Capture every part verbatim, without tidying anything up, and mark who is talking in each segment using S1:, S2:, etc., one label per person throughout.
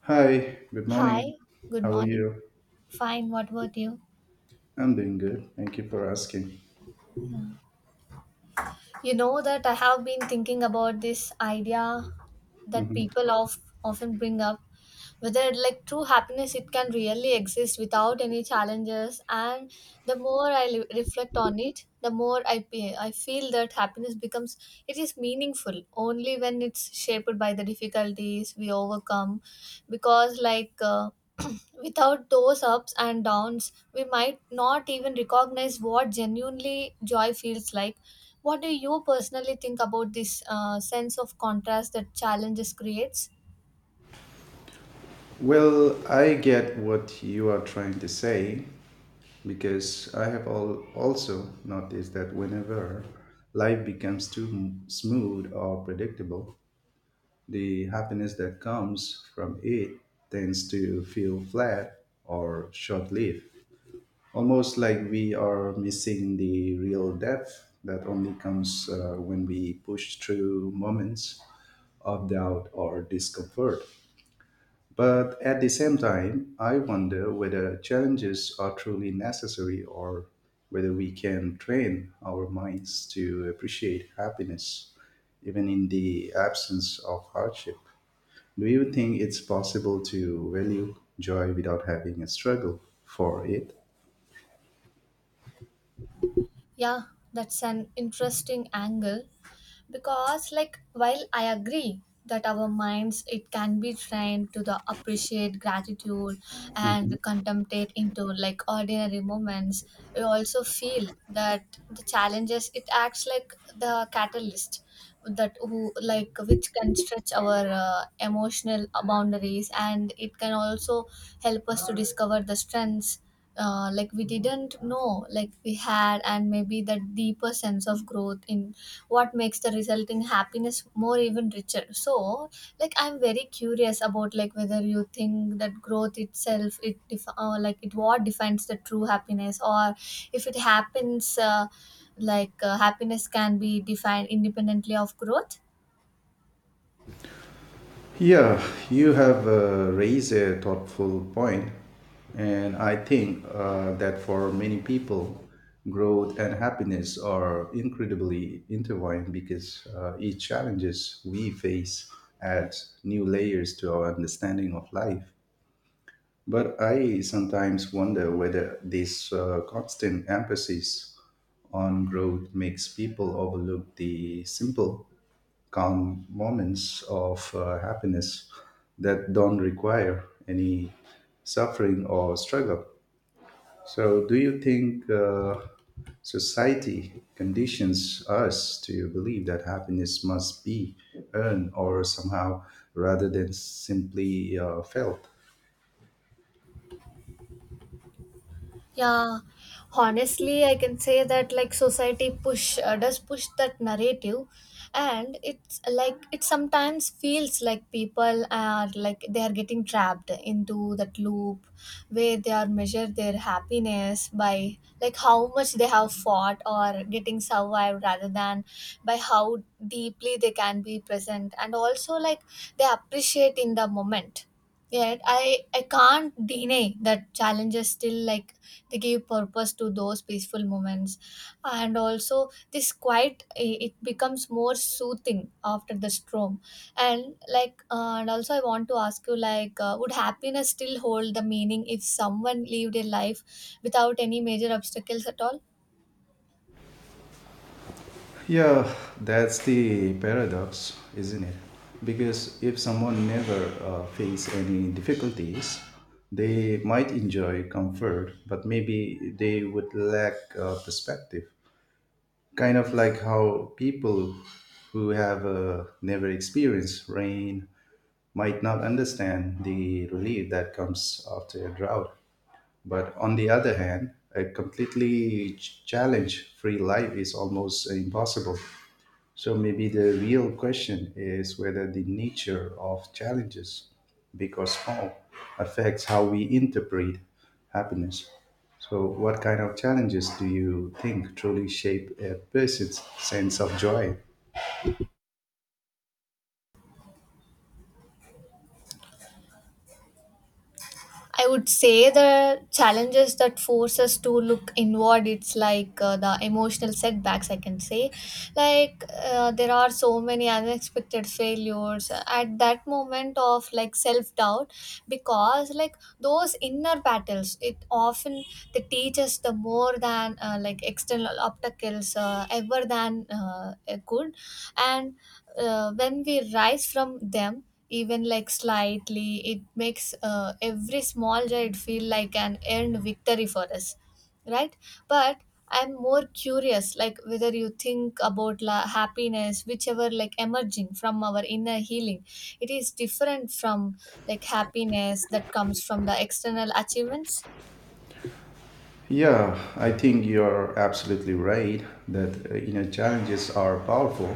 S1: Hi, good morning.
S2: Hi, good
S1: How are
S2: morning.
S1: you?
S2: Fine, what about you?
S1: I'm doing good. Thank you for asking.
S2: You know that I have been thinking about this idea that
S1: Mhm.
S2: people of, often bring up whether like true happiness it can really exist without any challenges, and the more i li- reflect on it the more i pe- i feel that happiness becomes it is meaningful only when it's shaped by the difficulties we overcome, because like uh, without those ups and downs we might not even recognize what genuinely joy feels like. What do you personally think about this uh, sense of contrast that challenges creates?
S1: Well, I get what you are trying to say because I have all also noticed that whenever life becomes too m- smooth or predictable, the happiness that comes from it tends to feel flat or short lived. Almost like we are missing the real depth that only comes uh, when we push through moments of doubt or discomfort. But at the same time, I wonder whether challenges are truly necessary or whether we can train our minds to appreciate happiness even in the absence of hardship. Do you think it's possible to value joy without having a struggle for it?
S2: Yeah, that's an interesting angle, because like while I agree that our minds it can be trained to the appreciate gratitude and contemplate into like ordinary moments, we also feel that the challenges it acts like the catalyst that who like which can stretch our uh, emotional boundaries, and it can also help us to discover the strengths uh, like we didn't know like we had, and maybe that deeper sense of growth in what makes the resulting happiness more even richer. So like I'm very curious about like whether you think that growth itself it def- uh, like it what defines the true happiness, or if it happens uh, like uh, happiness can be defined independently of growth.
S1: Yeah, you have uh, raised a thoughtful point, and I think uh, that for many people, growth and happiness are incredibly intertwined because uh, each challenges we face adds new layers to our understanding of life. But I sometimes wonder whether this uh, constant emphasis on growth makes people overlook the simple calm moments of uh, happiness that don't require any suffering or struggle. So, do you think uh, society conditions us to believe that happiness must be earned or somehow rather than simply uh, felt?
S2: Yeah, honestly, I can say that like society push uh, does push that narrative, and it's like it sometimes feels like people are like they are getting trapped into that loop where they are measure their happiness by like how much they have fought or getting survived rather than by how deeply they can be present, and also like they appreciate in the moment. Yet I I can't deny that challenges still like they give purpose to those peaceful moments, and also this quiet i- it becomes more soothing after the storm. And like uh, and also I want to ask you like uh, would happiness still hold the meaning if someone lived a life without any major obstacles at all?
S1: Yeah, that's the paradox, isn't it? Because if someone never uh, face any difficulties, they might enjoy comfort, but maybe they would lack uh, perspective. Kind of like how people who have uh, never experienced rain might not understand the relief that comes after a drought. But on the other hand, a completely challenge free life is almost impossible, so maybe the real question is whether the nature of challenges, big or small, affects how we interpret happiness. So, what kind of challenges do you think truly shape a person's sense of joy?
S2: I would say the challenges that force us to look inward, it's like uh, the emotional setbacks, I can say. Like, uh, there are so many unexpected failures at that moment of like self doubt, because, like, those inner battles, it often they teach us the more than uh, like external obstacles uh, ever than uh, good. And uh, when we rise from them even like slightly it makes uh, every small ride feel like an earned victory for us, right? But I'm more curious like whether you think about la- happiness whichever like emerging from our inner healing, it is different from like happiness that comes from the external achievements.
S1: Yeah, I think you're absolutely right that uh, you know challenges are powerful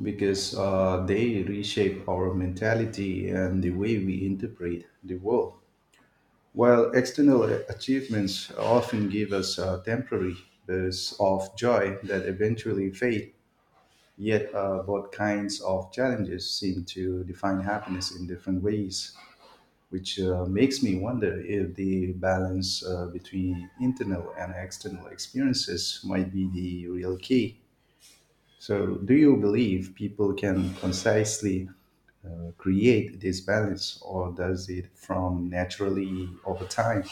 S1: because uh, they reshape our mentality and the way we interpret the world. While external achievements often give us a temporary bursts of joy that eventually fade, yet uh, both kinds of challenges seem to define happiness in different ways, which uh, makes me wonder if the balance uh, between internal and external experiences might be the real key. So, do you believe people can concisely uh, create this balance, or does it from naturally over time?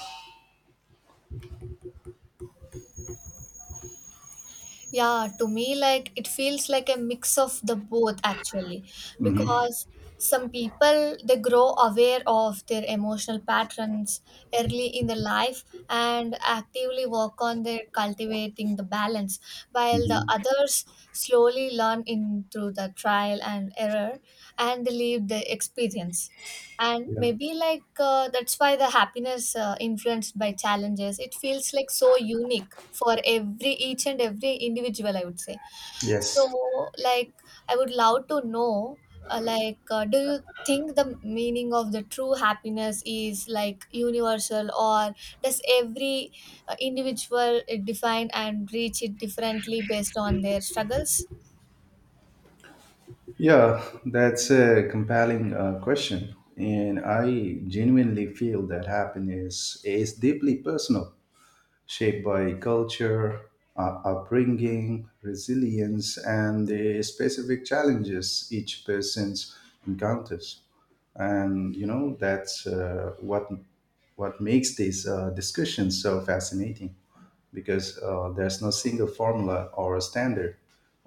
S2: Yeah, to me, like it feels like a mix of the both actually, because some people they grow aware of their emotional patterns early in their life and actively work on their cultivating the balance, while the
S1: Mhm.
S2: others slowly learn in through the trial and error and they live the experience. And
S1: Yeah.
S2: maybe like uh, that's why the happiness uh, influenced by challenges it feels like so unique for every each and every individual, I would say. So
S1: Yes.
S2: like I would love to know, uh, like uh, do you think the meaning of the true happiness is like universal, or does every uh, individual uh, define and reach it differently based on their struggles?
S1: Yeah, that's a compelling uh, question. And I genuinely feel that happiness is deeply personal, shaped by culture, uh, upbringing, resilience, and the specific challenges each person encounters. And, you know, that's uh, what, what makes these uh, discussions so fascinating. Because uh, there's no single formula or a standard,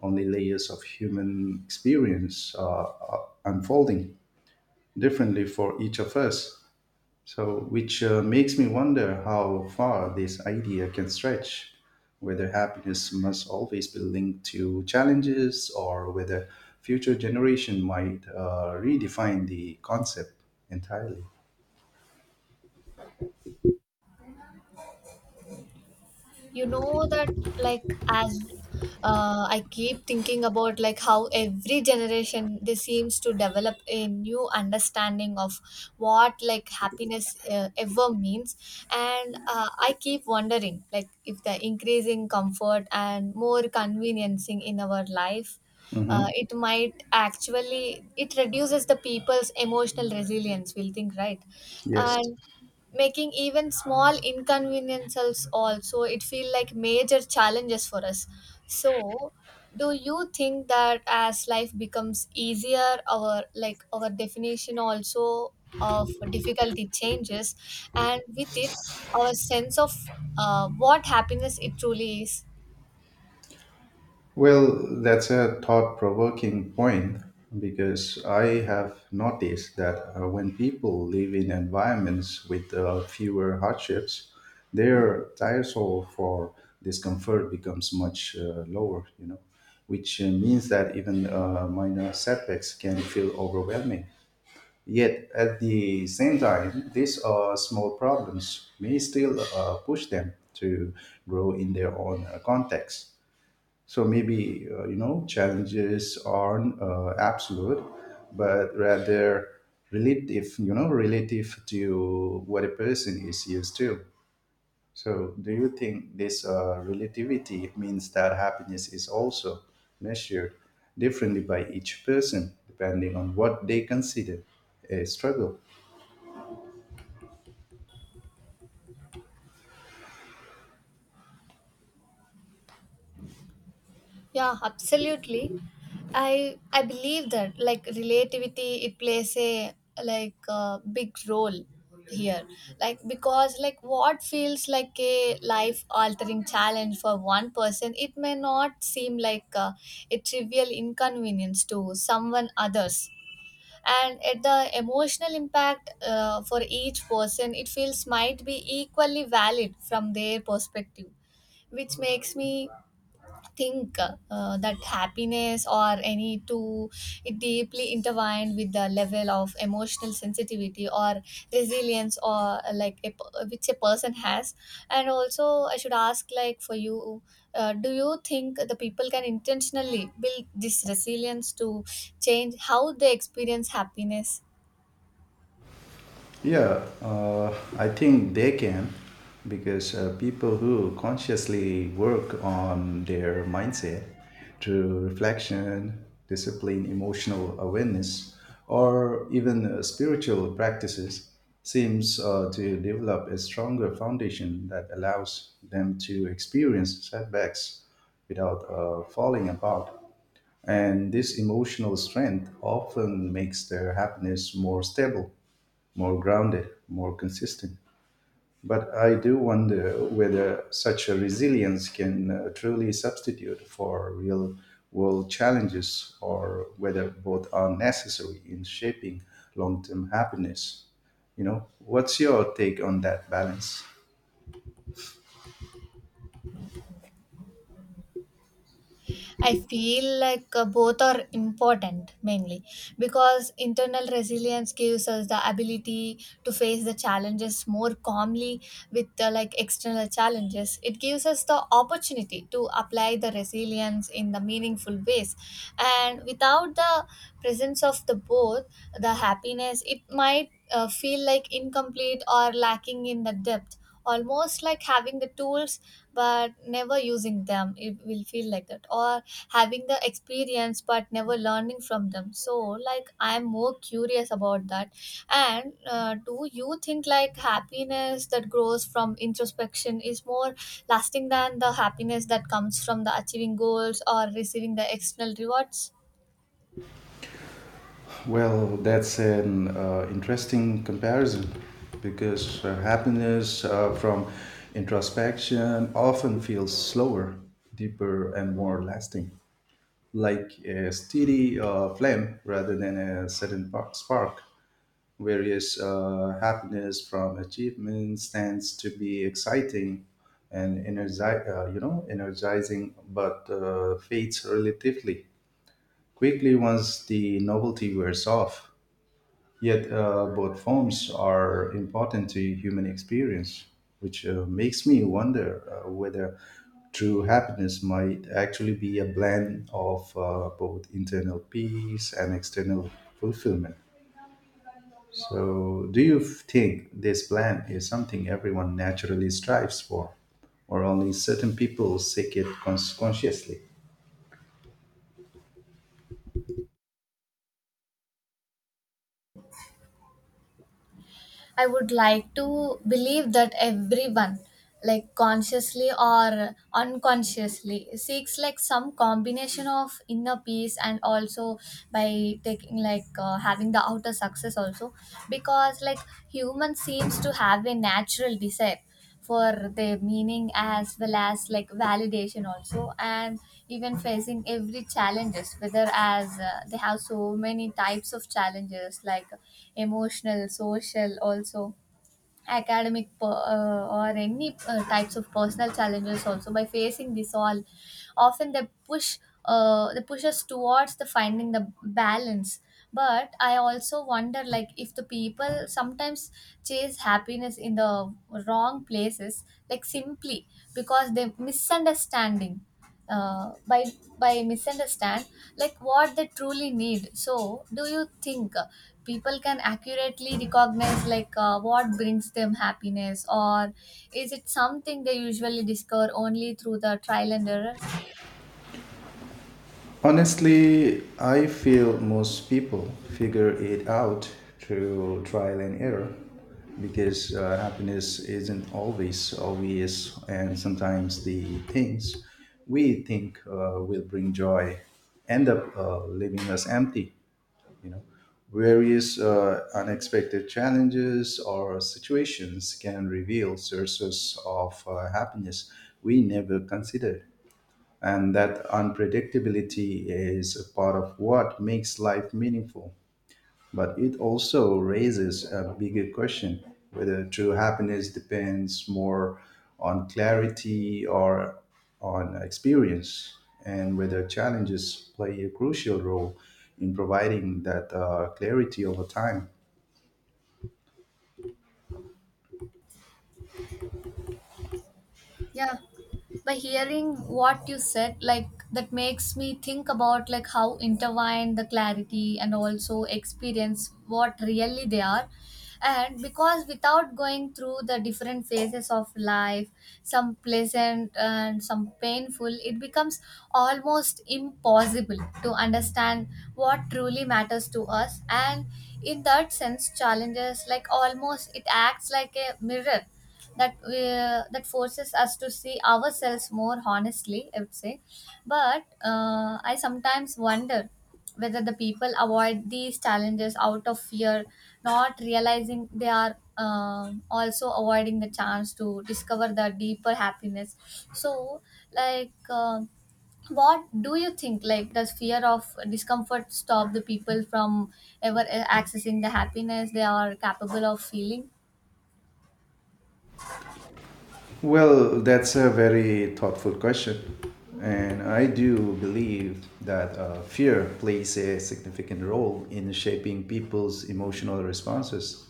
S1: only layers of human experience uh, are unfolding differently for each of us. So, which uh, makes me wonder how far this idea can stretch, whether happiness must always be linked to challenges or whether future generation might uh, redefine the concept entirely.
S2: You know that like as uh, I keep thinking about like how every generation they seems to develop a new understanding of what like happiness uh, ever means. And uh, I keep wondering like if the increasing comfort and more conveniencing in our life,
S1: Hmm.
S2: uh, it might actually it reduces the people's emotional resilience, we'll think, right?
S1: Yes.
S2: And making even small inconveniences also it feel like major challenges for us. So do you think that as life becomes easier our like our definition also of difficulty changes, and with it our sense of uh, what happiness it truly is?
S1: Well, that's a thought provoking point because I have noticed that uh, when people live in environments with uh, fewer hardships, their threshold for discomfort becomes much uh, lower, you know, which uh, means that even uh, minor setbacks can feel overwhelming. Yet, at the same time, these uh, small problems may still uh, push them to grow in their own uh, context, so maybe uh, you know challenges aren't uh, absolute, but rather relative. You know, relative to what a person is used to. So, do you think this uh, relativity means that happiness is also measured differently by each person, depending on what they consider a struggle?
S2: Yeah, absolutely. I I believe that like relativity it plays a like a big role here. Like because like what feels like a life altering challenge for one person, it may not seem like a, a trivial inconvenience to someone others. And at the emotional impact uh, for each person, it feels might be equally valid from their perspective, which makes me think uh, uh, that happiness or any two it deeply intertwined with the level of emotional sensitivity or resilience or uh, like a, per- which a person has. And also I should ask like for you, uh, do you think the people can intentionally build this resilience to change how they experience happiness?
S1: Yeah, uh, I think they can because uh, people who consciously work on their mindset through reflection, discipline, emotional awareness, or even uh, spiritual practices seems uh, to develop a stronger foundation that allows them to experience setbacks without uh, falling apart. And this emotional strength often makes their happiness more stable, more grounded, more consistent. But I do wonder whether such a resilience can uh, truly substitute for real world challenges or whether both are necessary in shaping long term happiness. You know, what's your take on that balance?
S2: I feel like uh, both are important mainly because internal resilience gives us the ability to face the challenges more calmly with uh, like external challenges. It gives us the opportunity to apply the resilience in the meaningful ways, and without the presence of the both, the happiness it might uh, feel like incomplete or lacking in the depth, almost like having the tools but never using them, it will feel like that, or having the experience but never learning from them. So like I'm more curious about that. And uh, do you think like happiness that grows from introspection is more lasting than the happiness that comes from the achieving goals or receiving the external rewards?
S1: Well, that's an uh, interesting comparison because uh, happiness uh, from introspection often feels slower, deeper, and more lasting. Like a steady uh, flame rather than a sudden par- spark. Various uh, happiness from achievements tends to be exciting and energize, uh, you know, energizing, but uh, fades relatively quickly once the novelty wears off. Yet uh, both forms are important to human experience, which uh, makes me wonder uh, whether true happiness might actually be a blend of uh, both internal peace and external fulfillment. So, do you think this blend is something everyone naturally strives for, or only certain people seek it cons- consciously?
S2: I would like to believe that everyone, like consciously or unconsciously, seeks like some combination of inner peace and also by taking like uh, having the outer success also, because like human seems to have a natural desire for their meaning as well as like validation also. And even facing every challenges whether as uh, they have so many types of challenges like emotional, social also, academic per- uh, or any uh, types of personal challenges also, by facing this all often they push uh, they push us towards the finding the balance. But I also wonder like if the people sometimes chase happiness in the wrong places like simply because they misunderstanding, uh, by by misunderstand like what they truly need. So do you think uh, people can accurately recognize like uh, what brings them happiness, or is it something they usually discover only through the trial and error?
S1: Honestly, I feel most people figure it out through trial and error because uh, happiness isn't always obvious, and sometimes the things we think uh, will bring joy end up uh, leaving us empty. You know, various uh, unexpected challenges or situations can reveal sources of uh, happiness we never considered. And that unpredictability is a part of what makes life meaningful. But it also raises a bigger question, whether true happiness depends more on clarity or on experience, and whether challenges play a crucial role in providing that uh, clarity over time.
S2: Yeah. By hearing what you said, like that makes me think about like how intertwined the clarity and also experience what really they are. And because without going through the different phases of life, some pleasant and some painful, it becomes almost impossible to understand what truly matters to us. And in that sense, challenges like almost it acts like a mirror that uh, that forces us to see ourselves more honestly, I would say. But uh, I sometimes wonder whether the people avoid these challenges out of fear, not realizing they are um, also avoiding the chance to discover the deeper happiness. So like um what do you think, like does fear of discomfort stop the people from ever uh, accessing the happiness they are capable of feeling?
S1: Well, that's a very thoughtful question. And I do believe that uh, fear plays a significant role in shaping people's emotional responses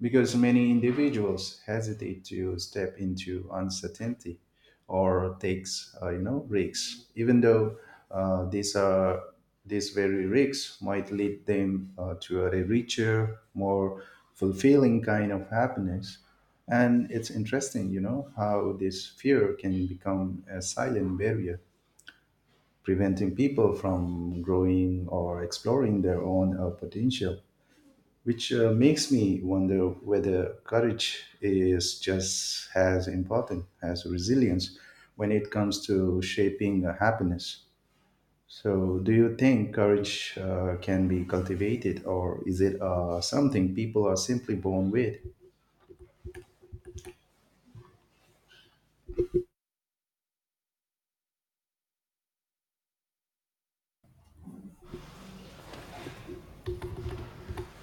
S1: because many individuals hesitate to step into uncertainty or takes uh, you know risks even though uh, these are these very risks might lead them uh, to a richer, more fulfilling kind of happiness. And it's interesting, you know, how this fear can become a silent barrier preventing people from growing or exploring their own uh, potential, which uh, makes me wonder whether courage is just as important as resilience when it comes to shaping uh, happiness. So, do you think courage uh, can be cultivated, or is it uh, something people are simply born with?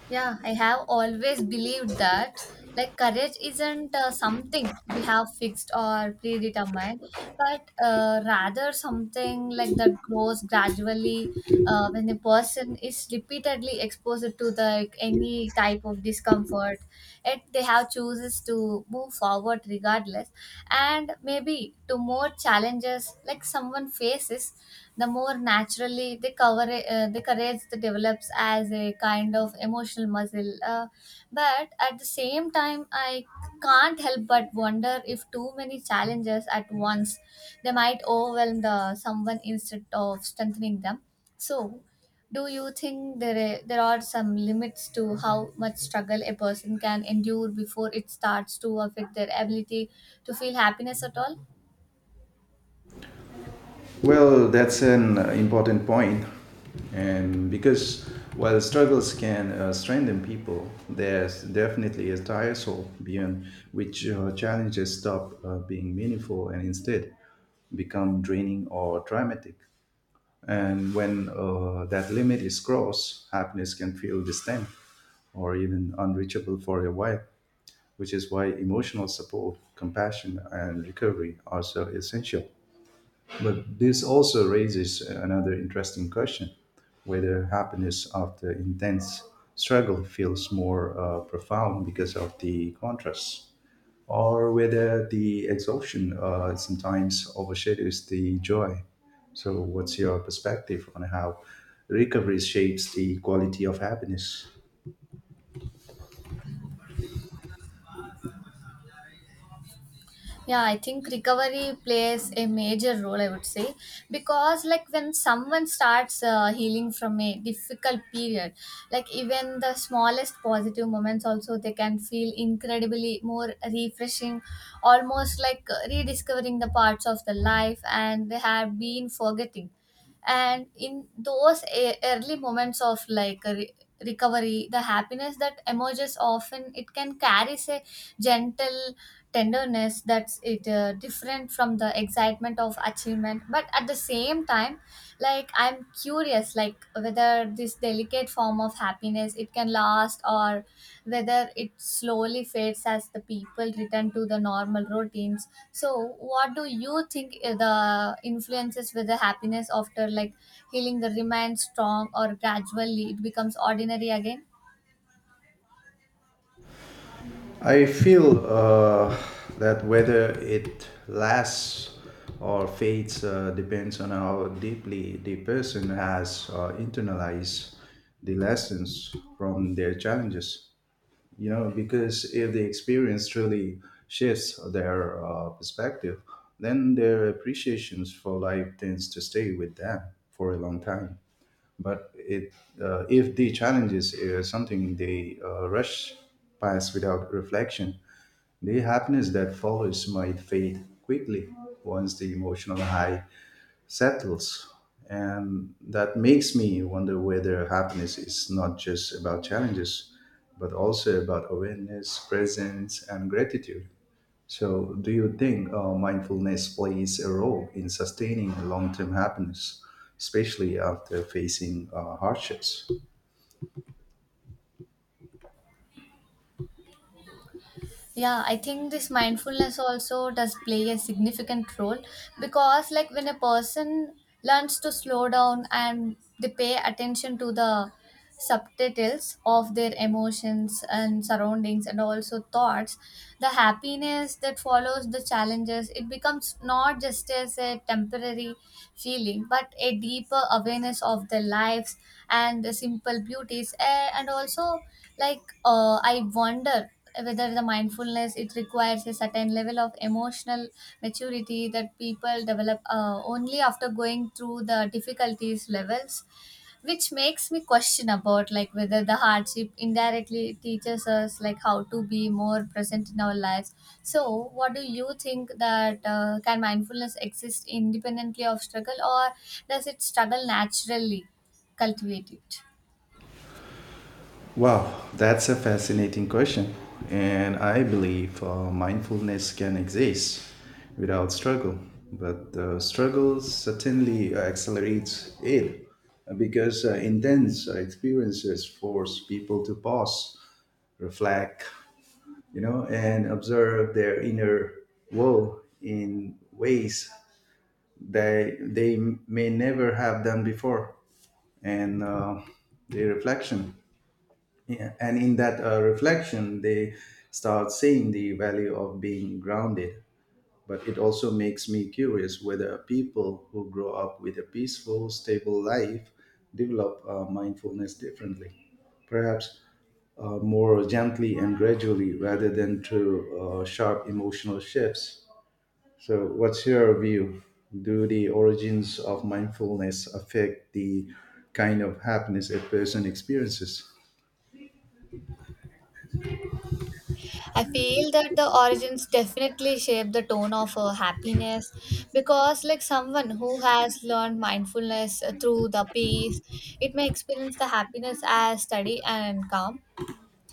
S2: Yeah, I have always believed that like courage isn't uh, something we have fixed or predetermined, but uh, rather something like that grows gradually uh, when a person is repeatedly exposed to the like, any type of discomfort, and they have chooses to move forward regardless. And maybe to more challenges like someone faces the more naturally the, cover, uh, the courage that develops as a kind of emotional muscle. Uh, but at the same time, I can't help but wonder if too many challenges at once they might overwhelm the someone instead of strengthening them. So, do you think there there are some limits to how much struggle a person can endure before it starts to affect their ability to feel happiness at all?
S1: Well, that's an uh, important point. And because while struggles can uh, strengthen people, there's definitely a tire soul beyond which uh, challenges stop uh, being meaningful and instead become draining or traumatic. And when uh, that limit is crossed, happiness can feel distant or even unreachable for a while, which is why emotional support, compassion, and recovery are so essential. But this also raises another interesting question, whether happiness after intense struggle feels more uh, profound because of the contrast, or whether the exhaustion uh, sometimes overshadows the joy. So, what's your perspective on how recovery shapes the quality of happiness?
S2: Yeah, I think recovery plays a major role, I would say, because like when someone starts uh, healing from a difficult period, like even the smallest positive moments also they can feel incredibly more refreshing, almost like uh, rediscovering the parts of the life and they have been forgetting. And in those e- early moments of like a re- recovery the happiness that emerges often it can carry a gentle tenderness that's it uh, different from the excitement of achievement. But at the same time like I'm curious like whether this delicate form of happiness it can last or whether it slowly fades as the people return to the normal routines. So what do you think i- the influences whether happiness after like healing the remains strong or gradually it becomes ordinary again?
S1: I feel uh, that whether it lasts or fades uh, depends on how deeply the person has uh, internalized the lessons from their challenges. You know, because if the experience truly shifts their uh, perspective, then their appreciations for life tends to stay with them for a long time. But it, uh, if the challenges is something they uh, rush past without reflection, the happiness that follows might fade quickly once the emotional high settles. And that makes me wonder whether happiness is not just about challenges, but also about awareness, presence, and gratitude. So, do you think uh, mindfulness plays a role in sustaining long term happiness, especially after facing uh, hardships?
S2: Yeah, I think this mindfulness also does play a significant role, because like when a person learns to slow down and they pay attention to the subtitles of their emotions and surroundings and also thoughts, the happiness that follows the challenges it becomes not just as a temporary feeling but a deeper awareness of their lives and the simple beauties. Eh, and also like uh, I wonder whether the mindfulness it requires a certain level of emotional maturity that people develop uh, only after going through the difficulties levels, which makes me question about like whether the hardship indirectly teaches us like how to be more present in our lives. So what do you think, that uh, can mindfulness exist independently of struggle, or does it struggle naturally cultivate it?
S1: Wow, that's a fascinating question. And I believe uh, mindfulness can exist without struggle, but the struggle certainly accelerates it uh, because uh, intense experiences force people to pause, reflect, you know, and observe their inner world in ways that they may never have done before. And uh, the reflection yeah, and in that uh, reflection, they start seeing the value of being grounded. But it also makes me curious whether people who grow up with a peaceful, stable life develop uh, mindfulness differently, perhaps uh, more gently and gradually rather than through uh, sharp emotional shifts. So, what's your view? Do the origins of mindfulness affect the kind of happiness a person experiences?
S2: I feel that the origins definitely shape the tone of uh, happiness because, like someone who has learned mindfulness uh, through the peace, it may experience the happiness as steady and calm,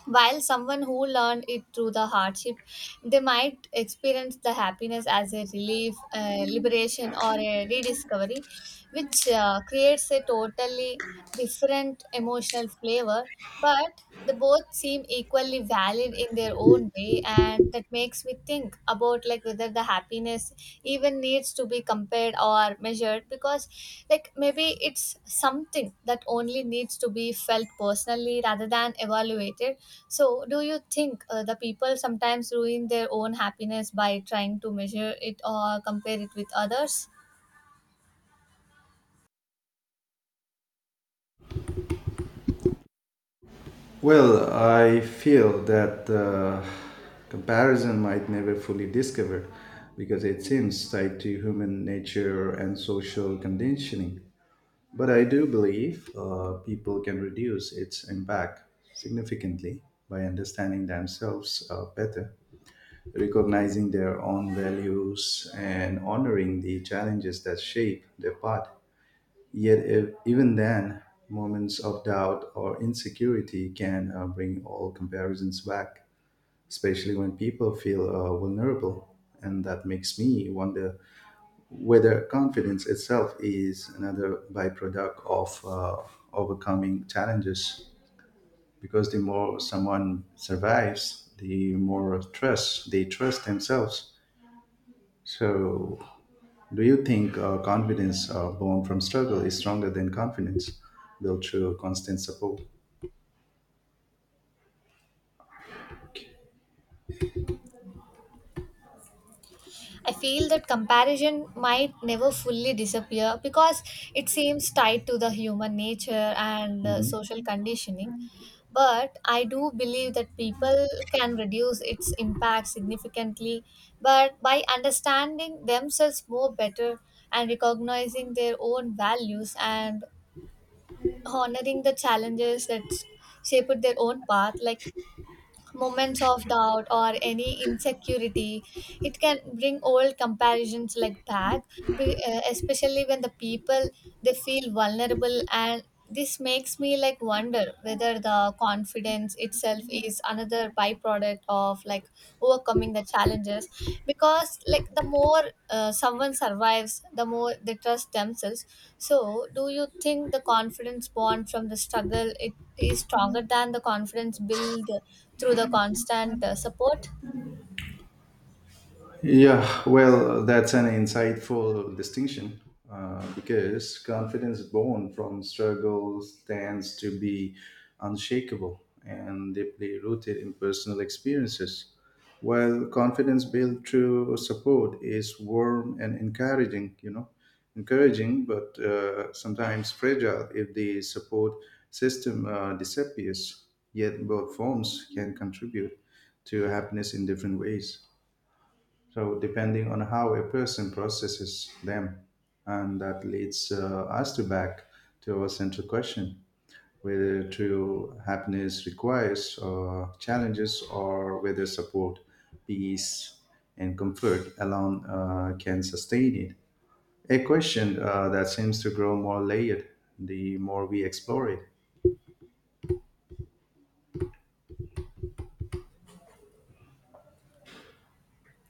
S2: while someone who learned it through the hardship, they might experience the happiness as a relief, uh, liberation, or a rediscovery, which uh, creates a totally different emotional flavor. But they both seem equally valid in their own way, and that makes me think about like whether the happiness even needs to be compared or measured, because like maybe it's something that only needs to be felt personally rather than evaluated. So, do you think uh, the people sometimes ruin their own happiness by trying to measure it or compare it with others?
S1: Well, I feel that uh, comparison might never fully discover because it seems tied to human nature and social conditioning. But I do believe uh, people can reduce its impact significantly by understanding themselves uh, better, recognizing their own values, and honoring the challenges that shape their path. Yet, if, even then, moments of doubt or insecurity can uh, bring all comparisons back, especially when people feel uh, vulnerable. And that makes me wonder whether confidence itself is another byproduct of uh, overcoming challenges. Because the more someone survives, the more trust they trust themselves. So, do you think uh, confidence uh, born from struggle is stronger than confidence built through constant support?
S2: I feel that comparison might never fully disappear because it seems tied to the human nature and uh,
S1: Mhm.
S2: social conditioning. But I do believe that people can reduce its impact significantly, but by understanding themselves more better and recognizing their own values and honoring the challenges that s- shaped their own path. Like moments of doubt or any insecurity it can bring old comparisons like back, be- uh, especially when the people they feel vulnerable. And this makes me like wonder whether the confidence itself is another byproduct of like overcoming the challenges, because like the more uh, someone survives the more they trust themselves. So do you think the confidence born from the struggle it is stronger than the confidence built through the constant uh, support?
S1: Yeah, well, that's an insightful distinction uh, because confidence born from struggle tends to be unshakable and deeply rooted in personal experiences, while confidence built through support is warm and encouraging, you know, encouraging, but uh, sometimes fragile if the support system uh, disappears. Yet both forms can contribute to happiness in different ways, so depending on how a person processes them. And that leads uh, us to back to our central question, whether true happiness requires uh, challenges or whether support, peace, and comfort alone uh, can sustain it, a question uh, that seems to grow more layered the more we explore it.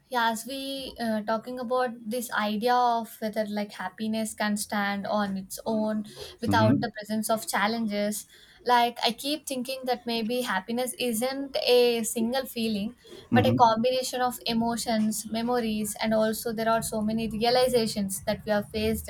S2: Yeah, as we uh, talking about this idea of whether like happiness can stand on its own without
S1: Mhm.
S2: the presence of challenges, like I keep thinking that maybe happiness isn't a single feeling but a
S1: Mhm.
S2: combination of emotions, memories, and also there are so many realizations that we have faced,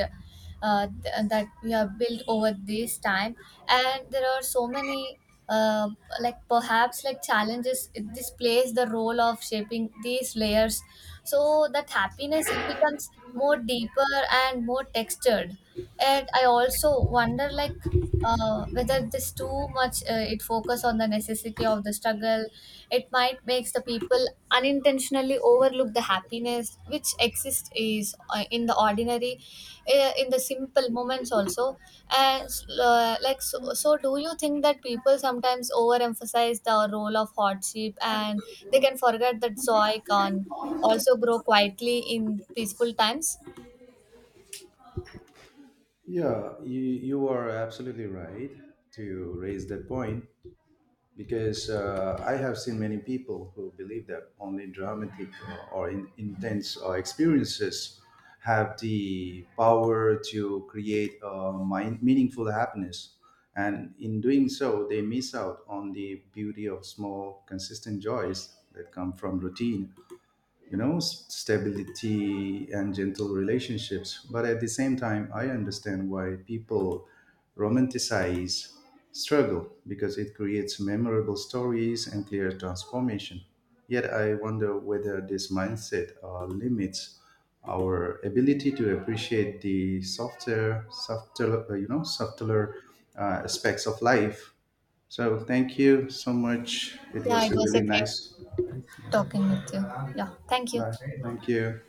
S2: uh, th- uh, that we have built over this time. And there are so many uh, like perhaps like challenges it- this plays the role of shaping these layers so that happiness it becomes more deeper and more textured. And I also wonder like uh, whether this too much uh, it focus on the necessity of the struggle it might makes the people unintentionally overlook the happiness which exists is uh, in the ordinary, uh, in the simple moments also. And uh, like so, so do you think that people sometimes overemphasize the role of hardship and they can forget that joy can also grow quietly in peaceful times?
S1: Yeah, you, you are absolutely right to raise that point. Because uh, I have seen many people who believe that only dramatic or, or in, intense uh, experiences have the power to create uh, mind, meaningful happiness. And in doing so, they miss out on the beauty of small, consistent joys that come from routine, you know, s- stability and gentle relationships. But at the same time, I understand why people romanticize struggle because it creates memorable stories and clear transformation. Yet I wonder whether this mindset uh, limits our ability to appreciate the softer softer uh, you know subtler uh, aspects of life. So thank you so much, it
S2: Yeah,
S1: was
S2: it was a
S1: really
S2: great
S1: nice.
S2: talking with you. Yeah, thank you.
S1: uh, thank you.